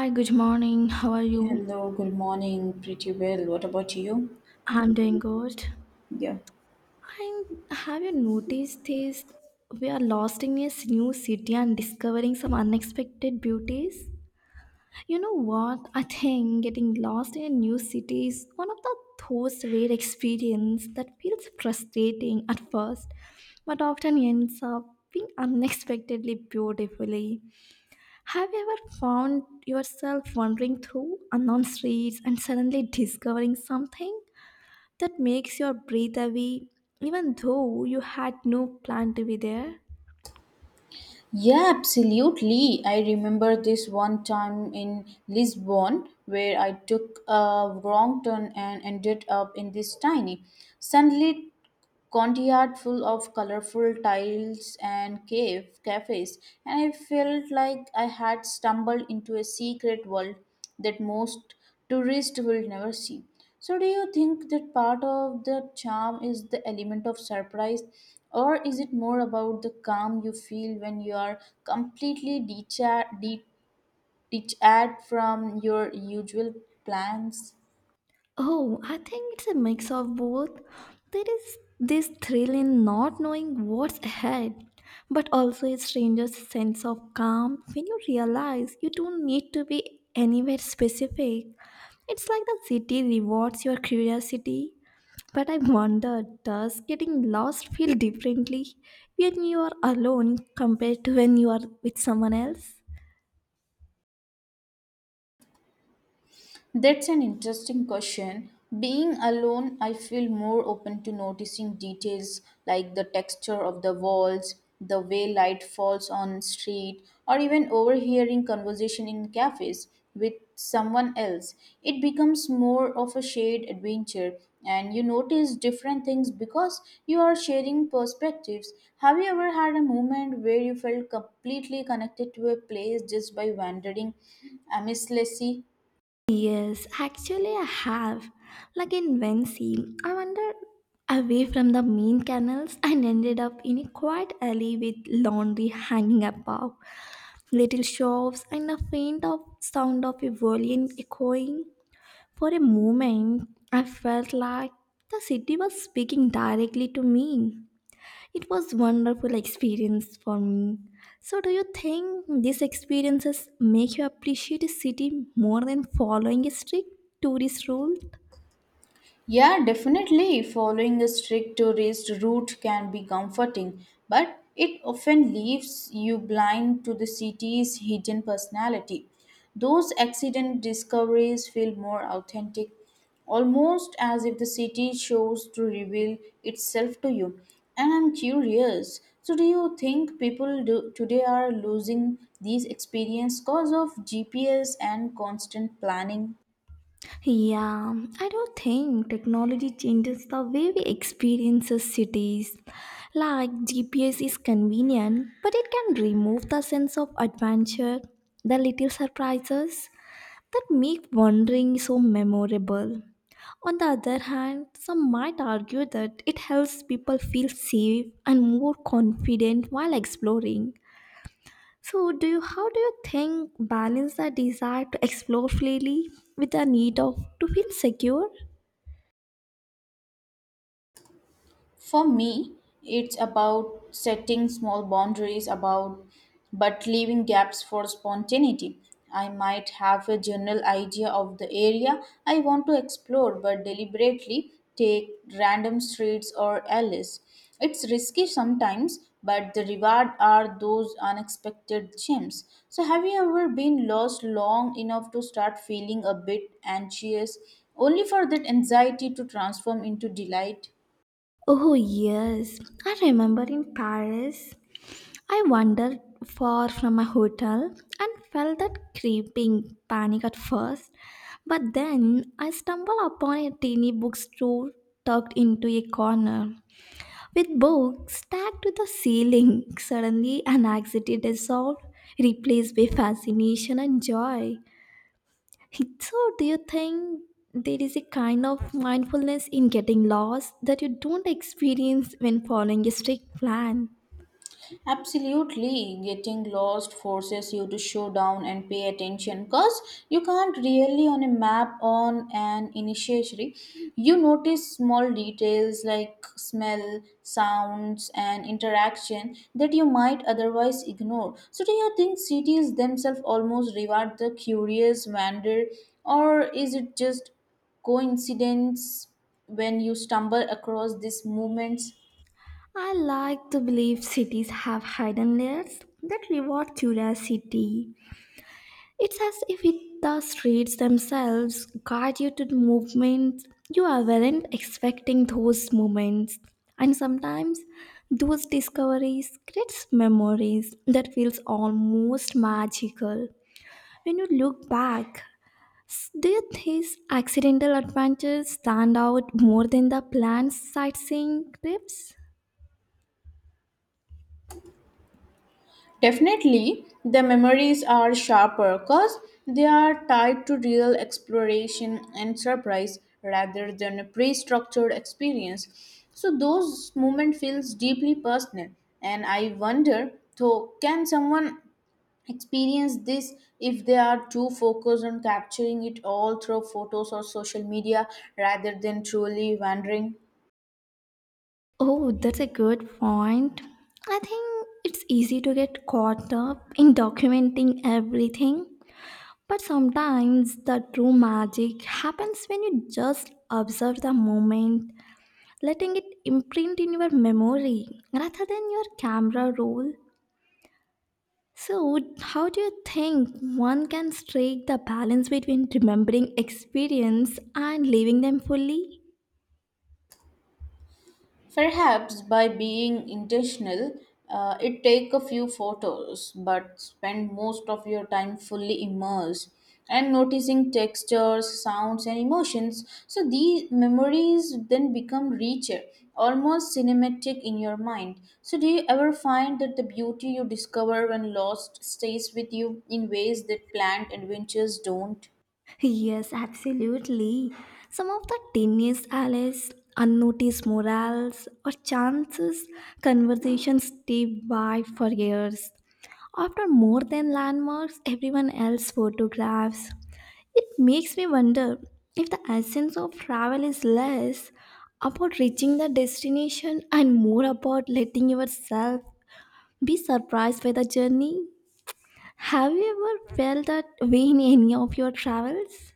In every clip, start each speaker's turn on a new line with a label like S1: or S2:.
S1: Hi, good morning. How are you?
S2: Hello, good morning. Pretty well. What about you?
S1: I'm doing good.
S2: Yeah.
S1: And have you noticed this? We are lost in a new city and discovering some unexpected beauties. You know what? I think getting lost in a new city is one of the those rare experience that feels frustrating at first, but often ends up being unexpectedly beautifully. Have you ever found yourself wandering through unknown streets and suddenly discovering something that makes your breathe away even though you had no plan to be there?
S2: Yeah, absolutely. I remember this one time in Lisbon where I took a wrong turn and ended up in this tiny sunlit courtyard full of colorful tiles and cave cafes, and I felt like I had stumbled into a secret world that most tourists will never see. So do you think that part of the charm is the element of surprise, or is it more about the calm you feel when you are completely detached from your usual plans?
S1: Oh, I think it's a mix of both. There is this thrill in not knowing what's ahead, but also a stranger's sense of calm when you realize you don't need to be anywhere specific. It's like the city rewards your curiosity. But I wonder, does getting lost feel differently when you are alone compared to when you are with someone else?
S2: That's an interesting question. Being alone, I feel more open to noticing details like the texture of the walls, the way light falls on street, or even overhearing conversation in cafes with someone else. It becomes more of a shared adventure, and you notice different things because you are sharing perspectives. Have you ever had a moment where you felt completely connected to a place just by wandering aimlessly?
S1: Yes, actually, I have. Like in Vensey, I wandered away from the main canals and ended up in a quiet alley with laundry hanging above, little shops, and a faint of sound of a violin echoing. For a moment, I felt like the city was speaking directly to me. It was wonderful experience for me. So do you think these experiences make you appreciate a city more than following a strict tourist rule?
S2: Yeah, definitely. Following a strict tourist route can be comforting, but it often leaves you blind to the city's hidden personality. Those accident discoveries feel more authentic, almost as if the city chose to reveal itself to you. And I'm curious, so, do you think people do, today are losing these experience because of GPS and constant planning?
S1: Yeah, I do not think technology changes the way we experience cities. Like GPS is convenient, but it can remove the sense of adventure, the little surprises, that make wandering so memorable. On the other hand, some might argue that it helps people feel safe and more confident while exploring. So, do you, how do you think balance the desire to explore freely with the need of to feel secure?
S2: For me, it's about setting small boundaries about but leaving gaps for spontaneity. I might have a general idea of the area I want to explore but deliberately take random streets or alleys. It's risky sometimes, but the reward are those unexpected gems. So have you ever been lost long enough to start feeling a bit anxious, only for that anxiety to transform into delight?
S1: Oh yes, I remember in Paris, I wandered far from my hotel and felt that creeping panic at first, but then I stumbled upon a tiny bookstore tucked into a corner with books stacked to the ceiling. Suddenly, an anxiety dissolved, replaced by fascination and joy. So, do you think there is a kind of mindfulness in getting lost that you don't experience when following a strict plan?
S2: Absolutely, getting lost forces you to slow down and pay attention because you can't really on a map on an initiatory. You notice small details like smell, sounds, and interaction that you might otherwise ignore. So, do you think cities themselves almost reward the curious wander, or is it just coincidence when you stumble across these movements?
S1: I like to believe cities have hidden layers that reward curiosity. It's as if it, the streets themselves guide you to the movements weren't expecting those moments. And sometimes those discoveries creates memories that feels almost magical. When you look back, do you think accidental adventures stand out more than the planned sightseeing trips?
S2: Definitely, the memories are sharper because they are tied to real exploration and surprise rather than a pre-structured experience. So those moments feels deeply personal, and I wonder, though, can someone experience this if they are too focused on capturing it all through photos or social media rather than truly wandering?
S1: Oh, that's a good point. I think it's easy to get caught up in documenting everything, but sometimes the true magic happens when you just observe the moment, letting it imprint in your memory rather than your camera roll. So, how do you think one can strike the balance between remembering experience and living them fully?
S2: Perhaps by being intentional, it take a few photos, but spend most of your time fully immersed and noticing textures, sounds, and emotions. So these memories then become richer, almost cinematic in your mind. So do you ever find that the beauty you discover when lost stays with you in ways that planned adventures don't?
S1: Yes, absolutely. Some of the tiniest allies, unnoticed morals, or chances conversations stay by for years. Often more than landmarks, everyone else photographs. It makes me wonder if the essence of travel is less about reaching the destination and more about letting yourself be surprised by the journey. Have you ever felt that way in any of your travels?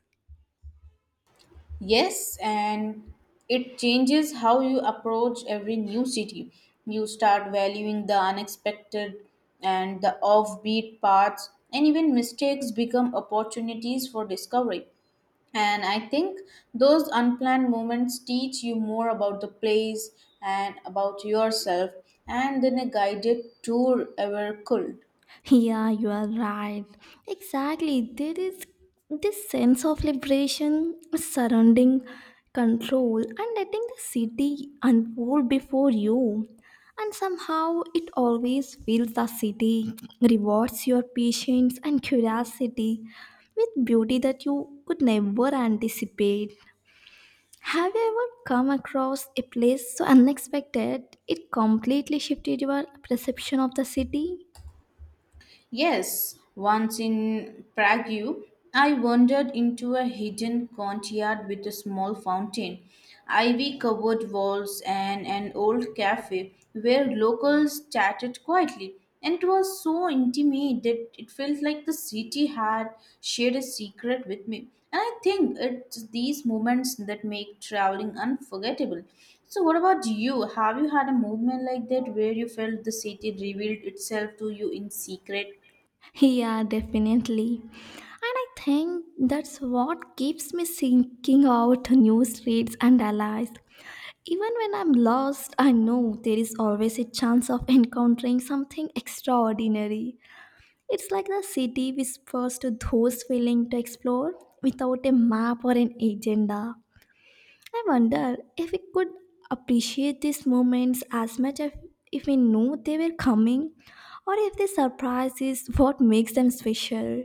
S2: Yes, and it changes how you approach every new city. You start valuing the unexpected and the offbeat paths, and even mistakes become opportunities for discovery. And I think those unplanned moments teach you more about the place and about yourself and than a guided tour ever could.
S1: Yeah, you are right. Exactly. There is this sense of liberation surrounding control and letting the city unfold before you. And somehow it always feels the city rewards your patience and curiosity with beauty that you could never anticipate. Have you ever come across a place so unexpected it completely shifted your perception of the city?
S2: Yes, once in Prague, I wandered into a hidden courtyard with a small fountain, ivy covered walls, and an old cafe where locals chatted quietly. And it was so intimate that it felt like the city had shared a secret with me. And I think it's these moments that make traveling unforgettable. So, what about you? Have you had a movement like that where you felt the city revealed itself to you in secret?
S1: Yeah, definitely. And I think that's what keeps me seeking out new streets and allies. Even when I'm lost, I know there is always a chance of encountering something extraordinary. It's like the city whispers to those willing to explore without a map or an agenda. I wonder if we could appreciate these moments as much as if we knew they were coming, or if the surprise is what makes them special.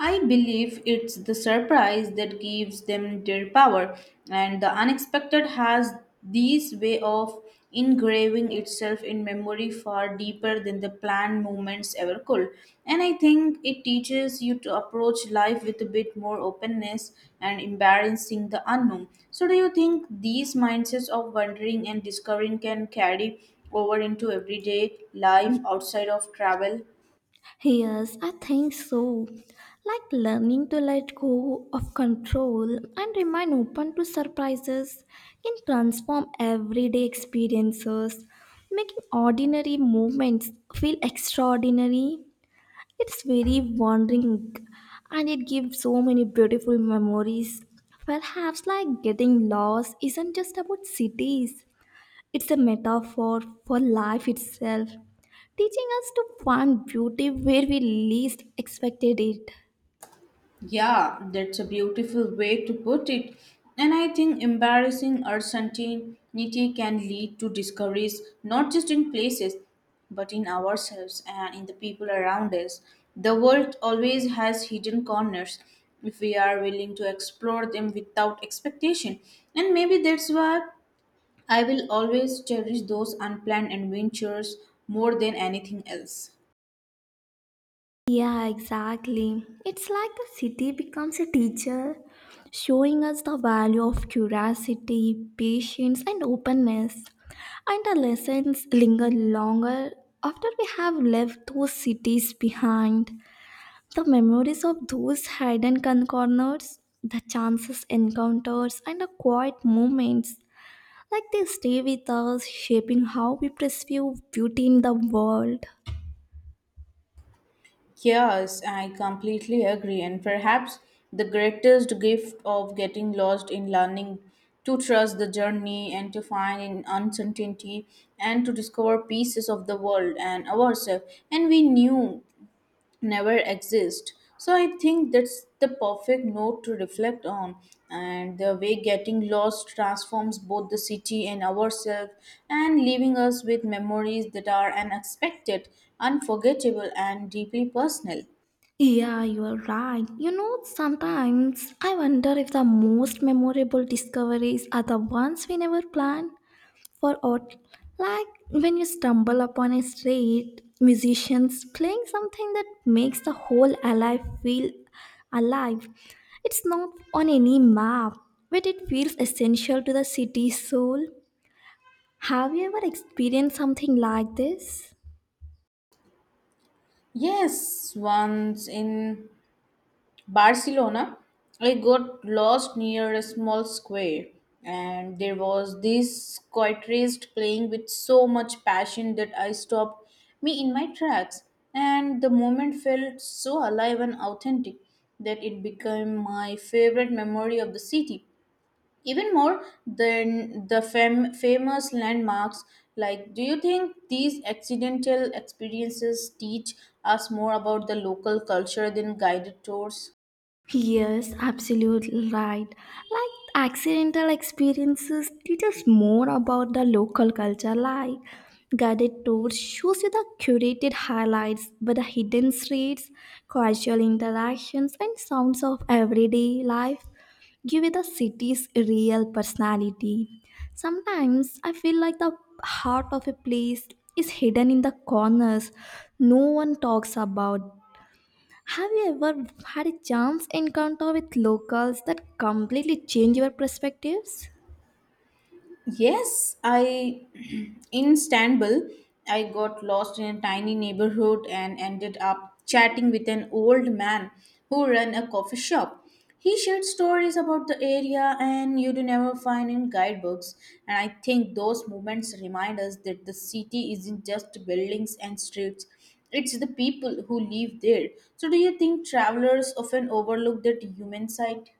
S2: I believe it's the surprise that gives them their power, and the unexpected has this way of engraving itself in memory far deeper than the planned moments ever could. And I think it teaches you to approach life with a bit more openness and embracing the unknown. So, do you think these mindsets of wondering and discovering can carry over into everyday life outside of travel?
S1: Yes, I think so. Like learning to let go of control and remain open to surprises can transform everyday experiences, making ordinary moments feel extraordinary. It's very wandering and it gives so many beautiful memories. Perhaps like getting lost isn't just about cities, it's a metaphor for life itself, teaching us to find beauty where we least expected it.
S2: Yeah, that's a beautiful way to put it. And I think embarrassing uncertainty can lead to discoveries not just in places, but in ourselves and in the people around us. The world always has hidden corners if we are willing to explore them without expectation. And maybe that's why I will always cherish those unplanned adventures more than anything else.
S1: Yeah, exactly. It's like the city becomes a teacher, showing us the value of curiosity, patience, and openness. And the lessons linger longer after we have left those cities behind. The memories of those hidden corners, the chances, encounters, and the quiet moments like they stay with us, shaping how we perceive beauty in the world.
S2: Yes, I completely agree. And perhaps the greatest gift of getting lost in learning to trust the journey and to find in uncertainty and to discover pieces of the world and ourselves and we knew never exist. So I think that's the perfect note to reflect on and the way getting lost transforms both the city and ourselves and leaving us with memories that are unexpected, unforgettable and deeply personal.
S1: Yeah, you are right. You know, sometimes I wonder if the most memorable discoveries are the ones we never plan for or like when you stumble upon a street musicians playing something that makes the whole alive feel alive. It's not on any map, but it feels essential to the city's soul. Have you ever experienced something like this?
S2: Yes, once in Barcelona, I got lost near a small square, and there was this guitarist playing with so much passion that I stopped me in my tracks. And the moment felt so alive and authentic that it became my favorite memory of the city. Even more than the fam- famous landmarks, like, do you think these accidental experiences teach us more about the local culture than guided tours?
S1: Yes, absolutely right. Like accidental experiences teach us more about the local culture. Like guided tours shows you the curated highlights, but the hidden streets, casual interactions, and sounds of everyday life give you the city's real personality. Sometimes I feel like the heart of a place is hidden in the corners no one talks about. Have you ever had a chance encounter with locals that completely change your perspectives?
S2: Yes, I in Istanbul, I got lost in a tiny neighborhood and ended up chatting with an old man who ran a coffee shop. He shared stories about the area and you'd never find in guidebooks. And I think those moments remind us that the city isn't just buildings and streets, it's the people who live there. So, do you think travelers often overlook that human side?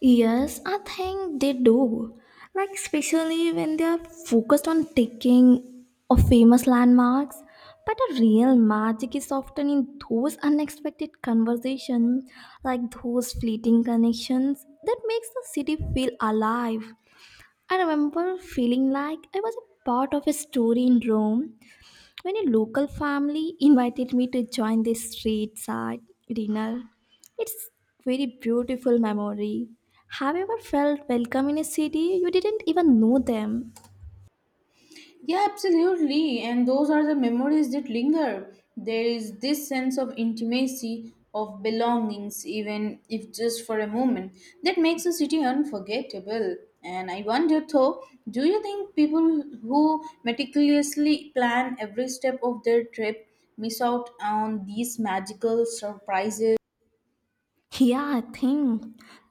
S1: Yes, I think they do. Like, especially when they are focused on taking of famous landmarks. But the real magic is often in those unexpected conversations, like those fleeting connections that makes the city feel alive. I remember feeling like I was a part of a story in Rome when a local family invited me to join their street side dinner, it's very beautiful memory. Have you ever felt welcome in a city you didn't even know them?
S2: Yeah, absolutely. And those are the memories that linger. There is this sense of intimacy, of belongings, even if just for a moment, that makes a city unforgettable. And I wonder though, do you think people who meticulously plan every step of their trip miss out on these magical surprises?
S1: Yeah, I think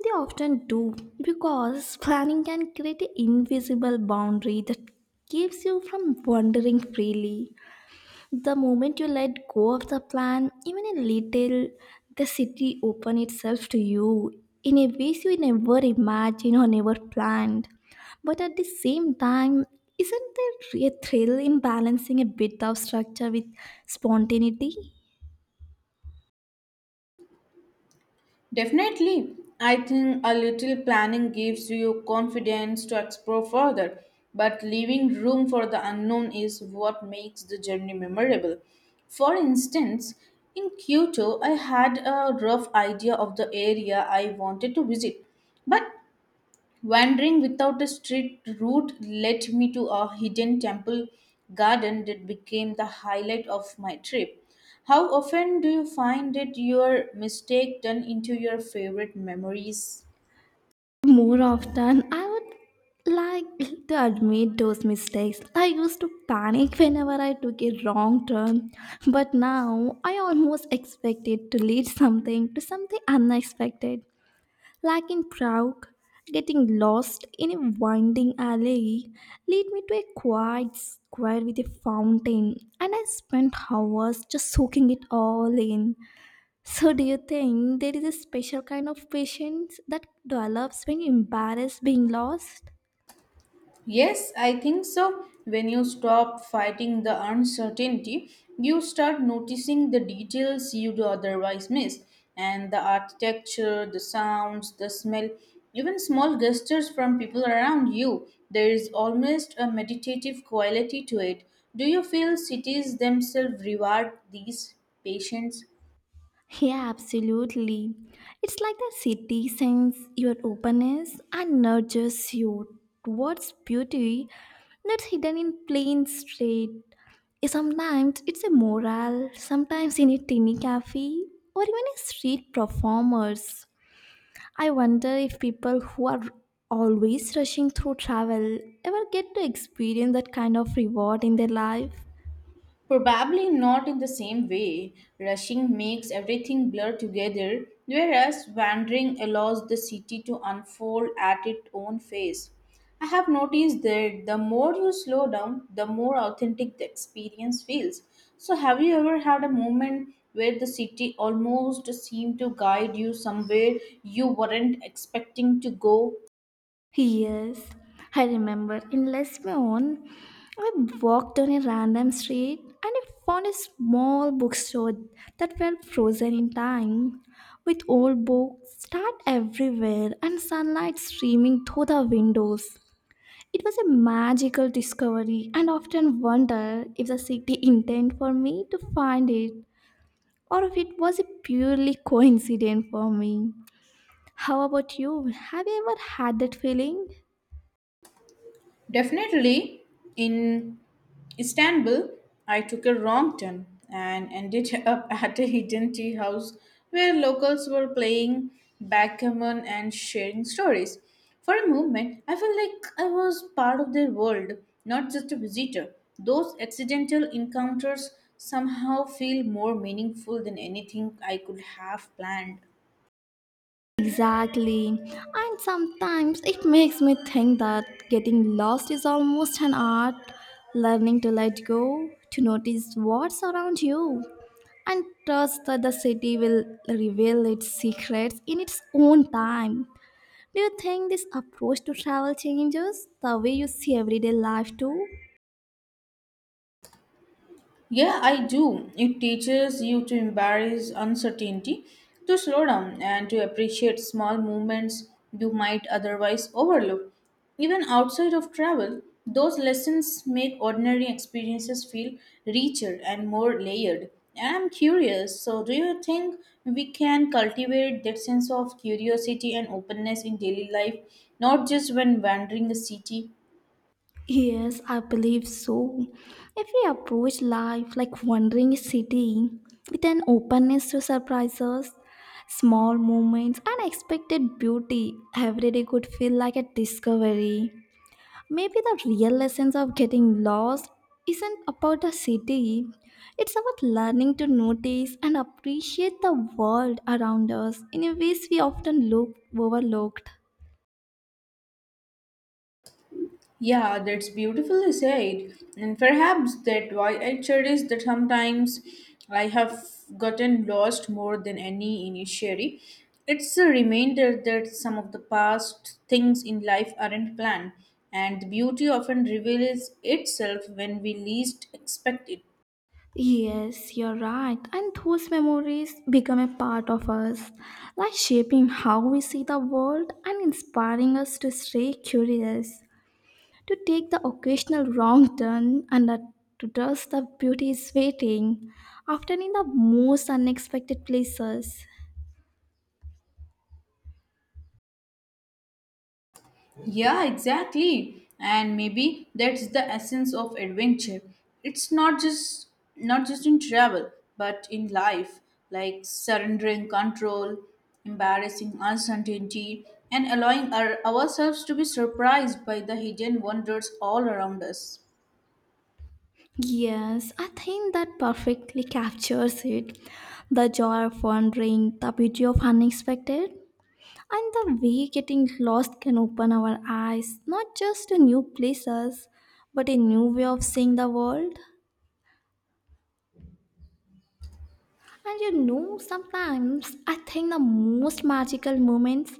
S1: they often do because planning can create an invisible boundary that keeps you from wandering freely. The moment you let go of the plan, even a little, the city opens itself to you in a ways you never imagined or never planned. But at the same time, isn't there a thrill in balancing a bit of structure with spontaneity?
S2: Definitely. I think a little planning gives you confidence to explore further, but leaving room for the unknown is what makes the journey memorable. For instance, in Kyoto, I had a rough idea of the area I wanted to visit, but wandering without a straight route led me to a hidden temple garden that became the highlight of my trip. How often do you find that your mistake turn into your favorite memories?
S1: More often, I would like to admit those mistakes. I used to panic whenever I took a wrong turn, but now I almost expect it to lead something to something unexpected, like in Prague. Getting lost in a winding alley lead me to a quiet square with a fountain, and I spent hours just soaking it all in. So, do you think there is a special kind of patience that develops when embarrassed being lost?
S2: Yes, I think so. When you stop fighting the uncertainty, you start noticing the details you'd otherwise miss, and the architecture, the sounds, the smell, even small gestures from people around you. There is almost a meditative quality to it. Do you feel cities themselves reward these patience?
S1: Yeah, absolutely. It's like the city sends your openness and nurtures you towards beauty that's hidden in plain street. Sometimes it's a mural, sometimes in a tiny cafe, or even a street performers. I wonder if people who are always rushing through travel ever get to experience that kind of reward in their life.
S2: Probably not in the same way. Rushing makes everything blur together, whereas wandering allows the city to unfold at its own pace. I have noticed that the more you slow down, the more authentic the experience feels. So, have you ever had a moment where the city almost seemed to guide you somewhere you weren't expecting to go?
S1: Yes, I remember in Lesbian, I walked on a random street and I found a small bookstore that felt frozen in time, with old books stacked everywhere and sunlight streaming through the windows. It was a magical discovery, and often wonder if the city intended for me to find it or if it was a purely coincidence for me. How about you? Have you ever had that feeling?
S2: Definitely, in Istanbul, I took a wrong turn and ended up at a hidden tea house where locals were playing backgammon and sharing stories. For a moment, I felt like I was part of their world, not just a visitor. Those accidental encounters somehow feel more meaningful than anything I could have planned.
S1: Exactly. And sometimes it makes me think that getting lost is almost an art, learning to let go, to notice what's around you, and trust that the city will reveal its secrets in its own time. Do you think this approach to travel changes the way you see everyday life too?
S2: Yeah, I do. It teaches you to embrace uncertainty, to slow down, and to appreciate small movements you might otherwise overlook. Even outside of travel, those lessons make ordinary experiences feel richer and more layered. And I'm curious, so do you think we can cultivate that sense of curiosity and openness in daily life, not just when wandering a city?
S1: Yes, I believe so. If we approach life like wandering a city with an openness to surprises, small moments, and expected beauty, every day could feel like a discovery. Maybe the real lessons of getting lost isn't about a city. It's about learning to notice and appreciate the world around us in a ways we often look overlooked.
S2: Yeah, that's beautifully said. And perhaps that why I cherish that sometimes I have gotten lost more than any initially. It's a reminder that some of the past things in life aren't planned, and the beauty often reveals itself when we least expect it.
S1: Yes, you're right. And those memories become a part of us, like shaping how we see the world and inspiring us to stay curious, to take the occasional wrong turn and to dust the beauty is waiting, often in the most unexpected places.
S2: Yeah, exactly. And maybe that's the essence of adventure. It's not just in travel, but in life, like surrendering control, embarrassing uncertainty, and allowing ourselves to be surprised by the hidden wonders all around us.
S1: Yes, I think that perfectly captures it. The joy of wandering, the beauty of unexpected, and the way getting lost can open our eyes not just to new places, but a new way of seeing the world. And you know, sometimes I think the most magical moments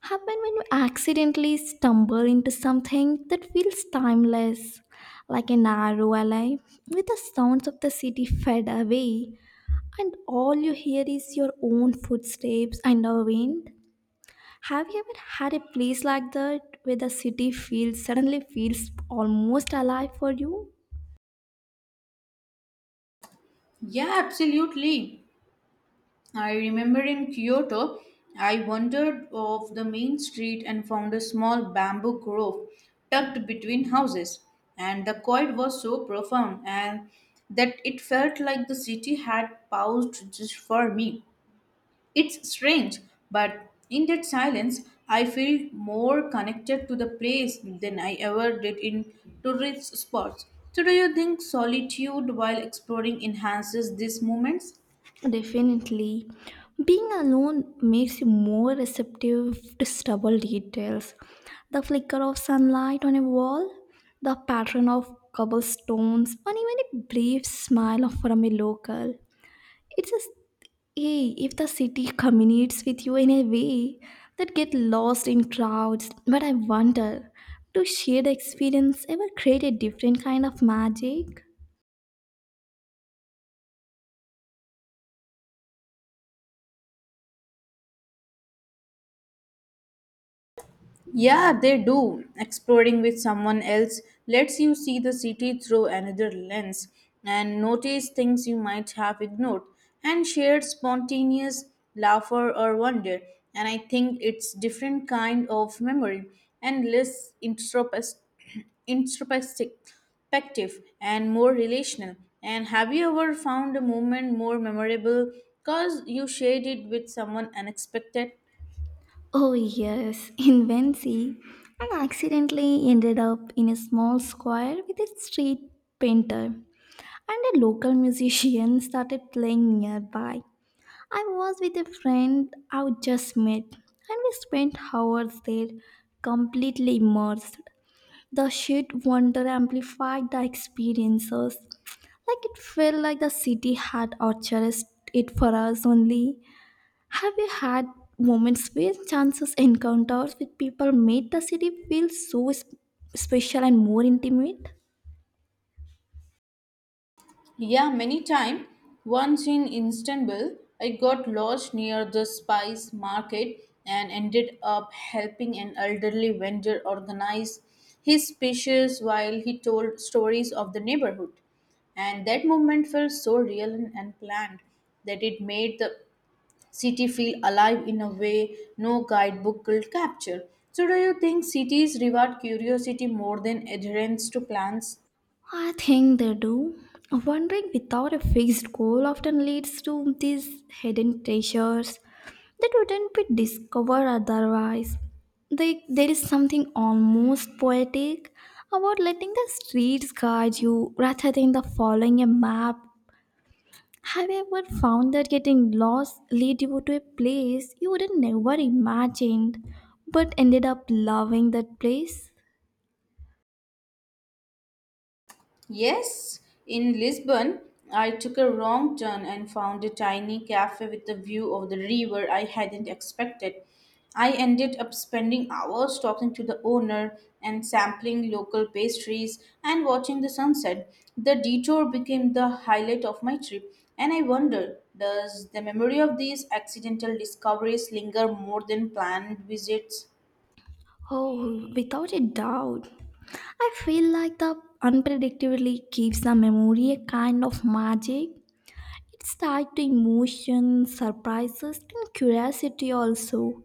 S1: happen when you accidentally stumble into something that feels timeless, like a narrow alley with the sounds of the city fade away, and all you hear is your own footsteps and the wind. Have you ever had a place like that where the city feels suddenly feels almost alive for you?
S2: Yeah, absolutely. I remember in Kyoto, I wandered off the main street and found a small bamboo grove tucked between houses. And the quiet was so profound and that it felt like the city had paused just for me. It's strange, but in that silence, I feel more connected to the place than I ever did in tourist spots. So, do you think solitude while exploring enhances these moments?
S1: Definitely. Being alone makes you more receptive to stubble details. The flicker of sunlight on a wall, the pattern of cobblestones, or even a brief smile from a local. It's just, hey, if the city communicates with you in a way that get lost in crowds, but I wonder, do shared experience ever create a different kind of magic?
S2: Yeah, they do. Exploring with someone else lets you see the city through another lens and notice things you might have ignored and shared spontaneous laughter or wonder. And I think it's different kind of memory and less introspective and more relational. And have you ever found a moment more memorable because you shared it with someone unexpected?
S1: Oh, yes, in Wensi, and accidentally ended up in a small square with a street painter and a local musician started playing nearby. I was with a friend I would just met, and we spent hours there completely immersed. The sheer wonder amplified the experiences. Like it felt like the city had orchestrated it for us only. Have you had moments where chances encounters with people made the city feel so special and more intimate?
S2: Yeah, many time. Once in Istanbul, I got lost near the spice market and ended up helping an elderly vendor organize his speeches while he told stories of the neighborhood. And that moment felt so real and planned that it made the city feel alive in a way no guidebook could capture. So, do you think cities reward curiosity more than adherence to plans?
S1: I think they do. Wandering without a fixed goal often leads to these hidden treasures that wouldn't be discovered otherwise. They, there is something almost poetic about letting the streets guide you rather than the following a map. Have you ever found that getting lost lead you to a place you would have never imagined but ended up loving that place?
S2: Yes, in Lisbon, I took a wrong turn and found a tiny cafe with a view of the river I hadn't expected. I ended up spending hours talking to the owner and sampling local pastries and watching the sunset. The detour became the highlight of my trip, and I wonder does the memory of these accidental discoveries linger more than planned visits?
S1: Oh, without a doubt. I feel like the unpredictably gives the memory a kind of magic. It's tied to emotion, surprises, and curiosity also.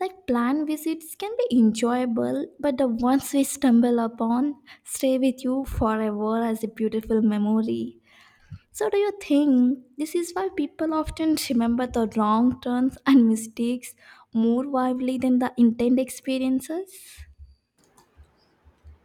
S1: Like planned visits can be enjoyable, but the ones we stumble upon stay with you forever as a beautiful memory. So, do you think this is why people often remember the wrong turns and mistakes more vividly than the intended experiences?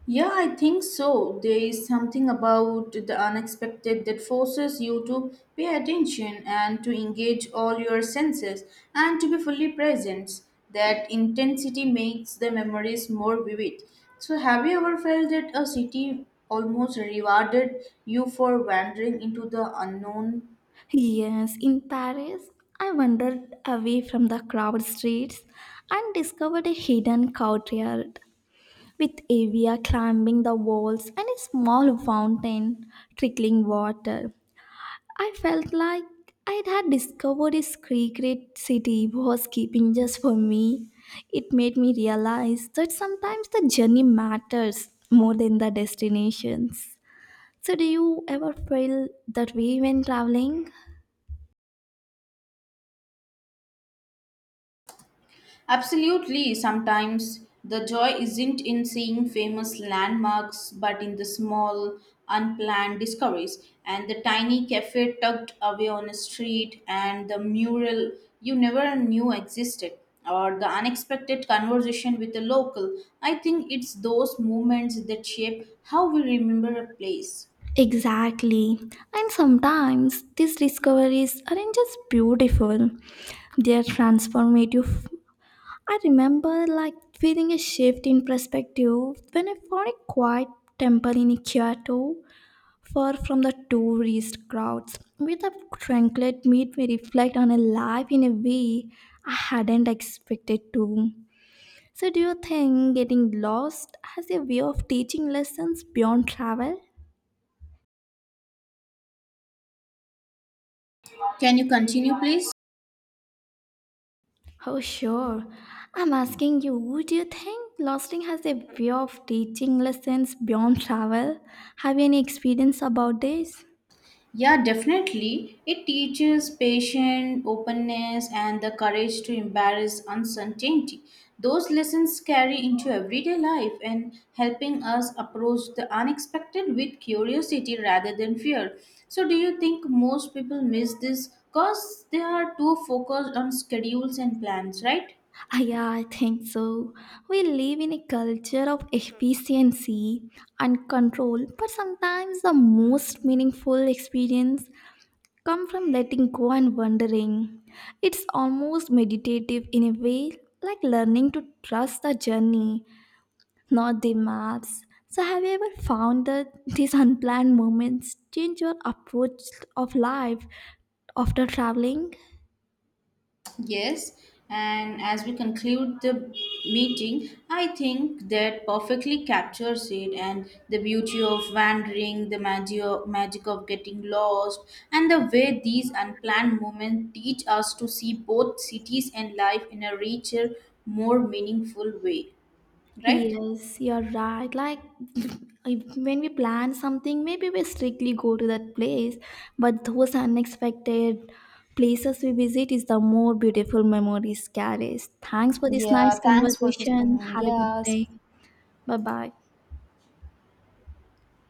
S2: Yeah, I think so. There is something about the unexpected that forces you to pay attention and to engage all your senses and to be fully present. That intensity makes the memories more vivid. So, have you ever felt that a city almost rewarded you for wandering into the unknown?
S1: Yes, in Paris, I wandered away from the crowded streets and discovered a hidden courtyard with avia climbing the walls and a small fountain trickling water. I felt like I had discovered a secret city was keeping just for me. It made me realize that sometimes the journey matters more than the destinations. So, do you ever feel that way when traveling?
S2: Absolutely, sometimes the joy isn't in seeing famous landmarks but in the small, unplanned discoveries and the tiny cafe tucked away on a street and the mural you never knew existed or the unexpected conversation with a local. I think it's those moments that shape how we remember a place.
S1: Exactly. And sometimes these discoveries aren't just beautiful, they are transformative. I remember like feeling a shift in perspective when I found a quiet temple in Kyoto far from the tourist crowds. With a tranquil made me reflect on a life in a way I hadn't expected to. So, do you think getting lost has a way of teaching lessons beyond travel?
S2: Can you continue, please?
S1: Oh, sure. I'm asking you, do you think losting has a way of teaching lessons beyond travel? Have you any experience about this?
S2: Yeah, definitely. It teaches patience, openness, and the courage to embrace uncertainty. Those lessons carry into everyday life and helping us approach the unexpected with curiosity rather than fear. So, do you think most people miss this because they are too focused on schedules and plans, right?
S1: Ah, yeah, I think so. We live in a culture of efficiency and control, but sometimes the most meaningful experience come from letting go and wondering. It's almost meditative in a way, like learning to trust the journey, not the maps. So have you ever found that these unplanned moments change your approach of life after traveling?
S2: Yes, and as we conclude the meeting, I think that perfectly captures it and the beauty of wandering, the magio- magic of getting lost, and the way these unplanned moments teach us to see both cities and life in a richer, more meaningful way. Right?
S1: Yes, you're right. Like when we plan something, maybe we strictly go to that place, but those unexpected places we visit is the more beautiful memories carries. Thanks for this nice
S2: Yeah, thanks for this.
S1: conversation.
S2: Comment.
S1: Have a good
S2: Yeah,
S1: day. Bye bye.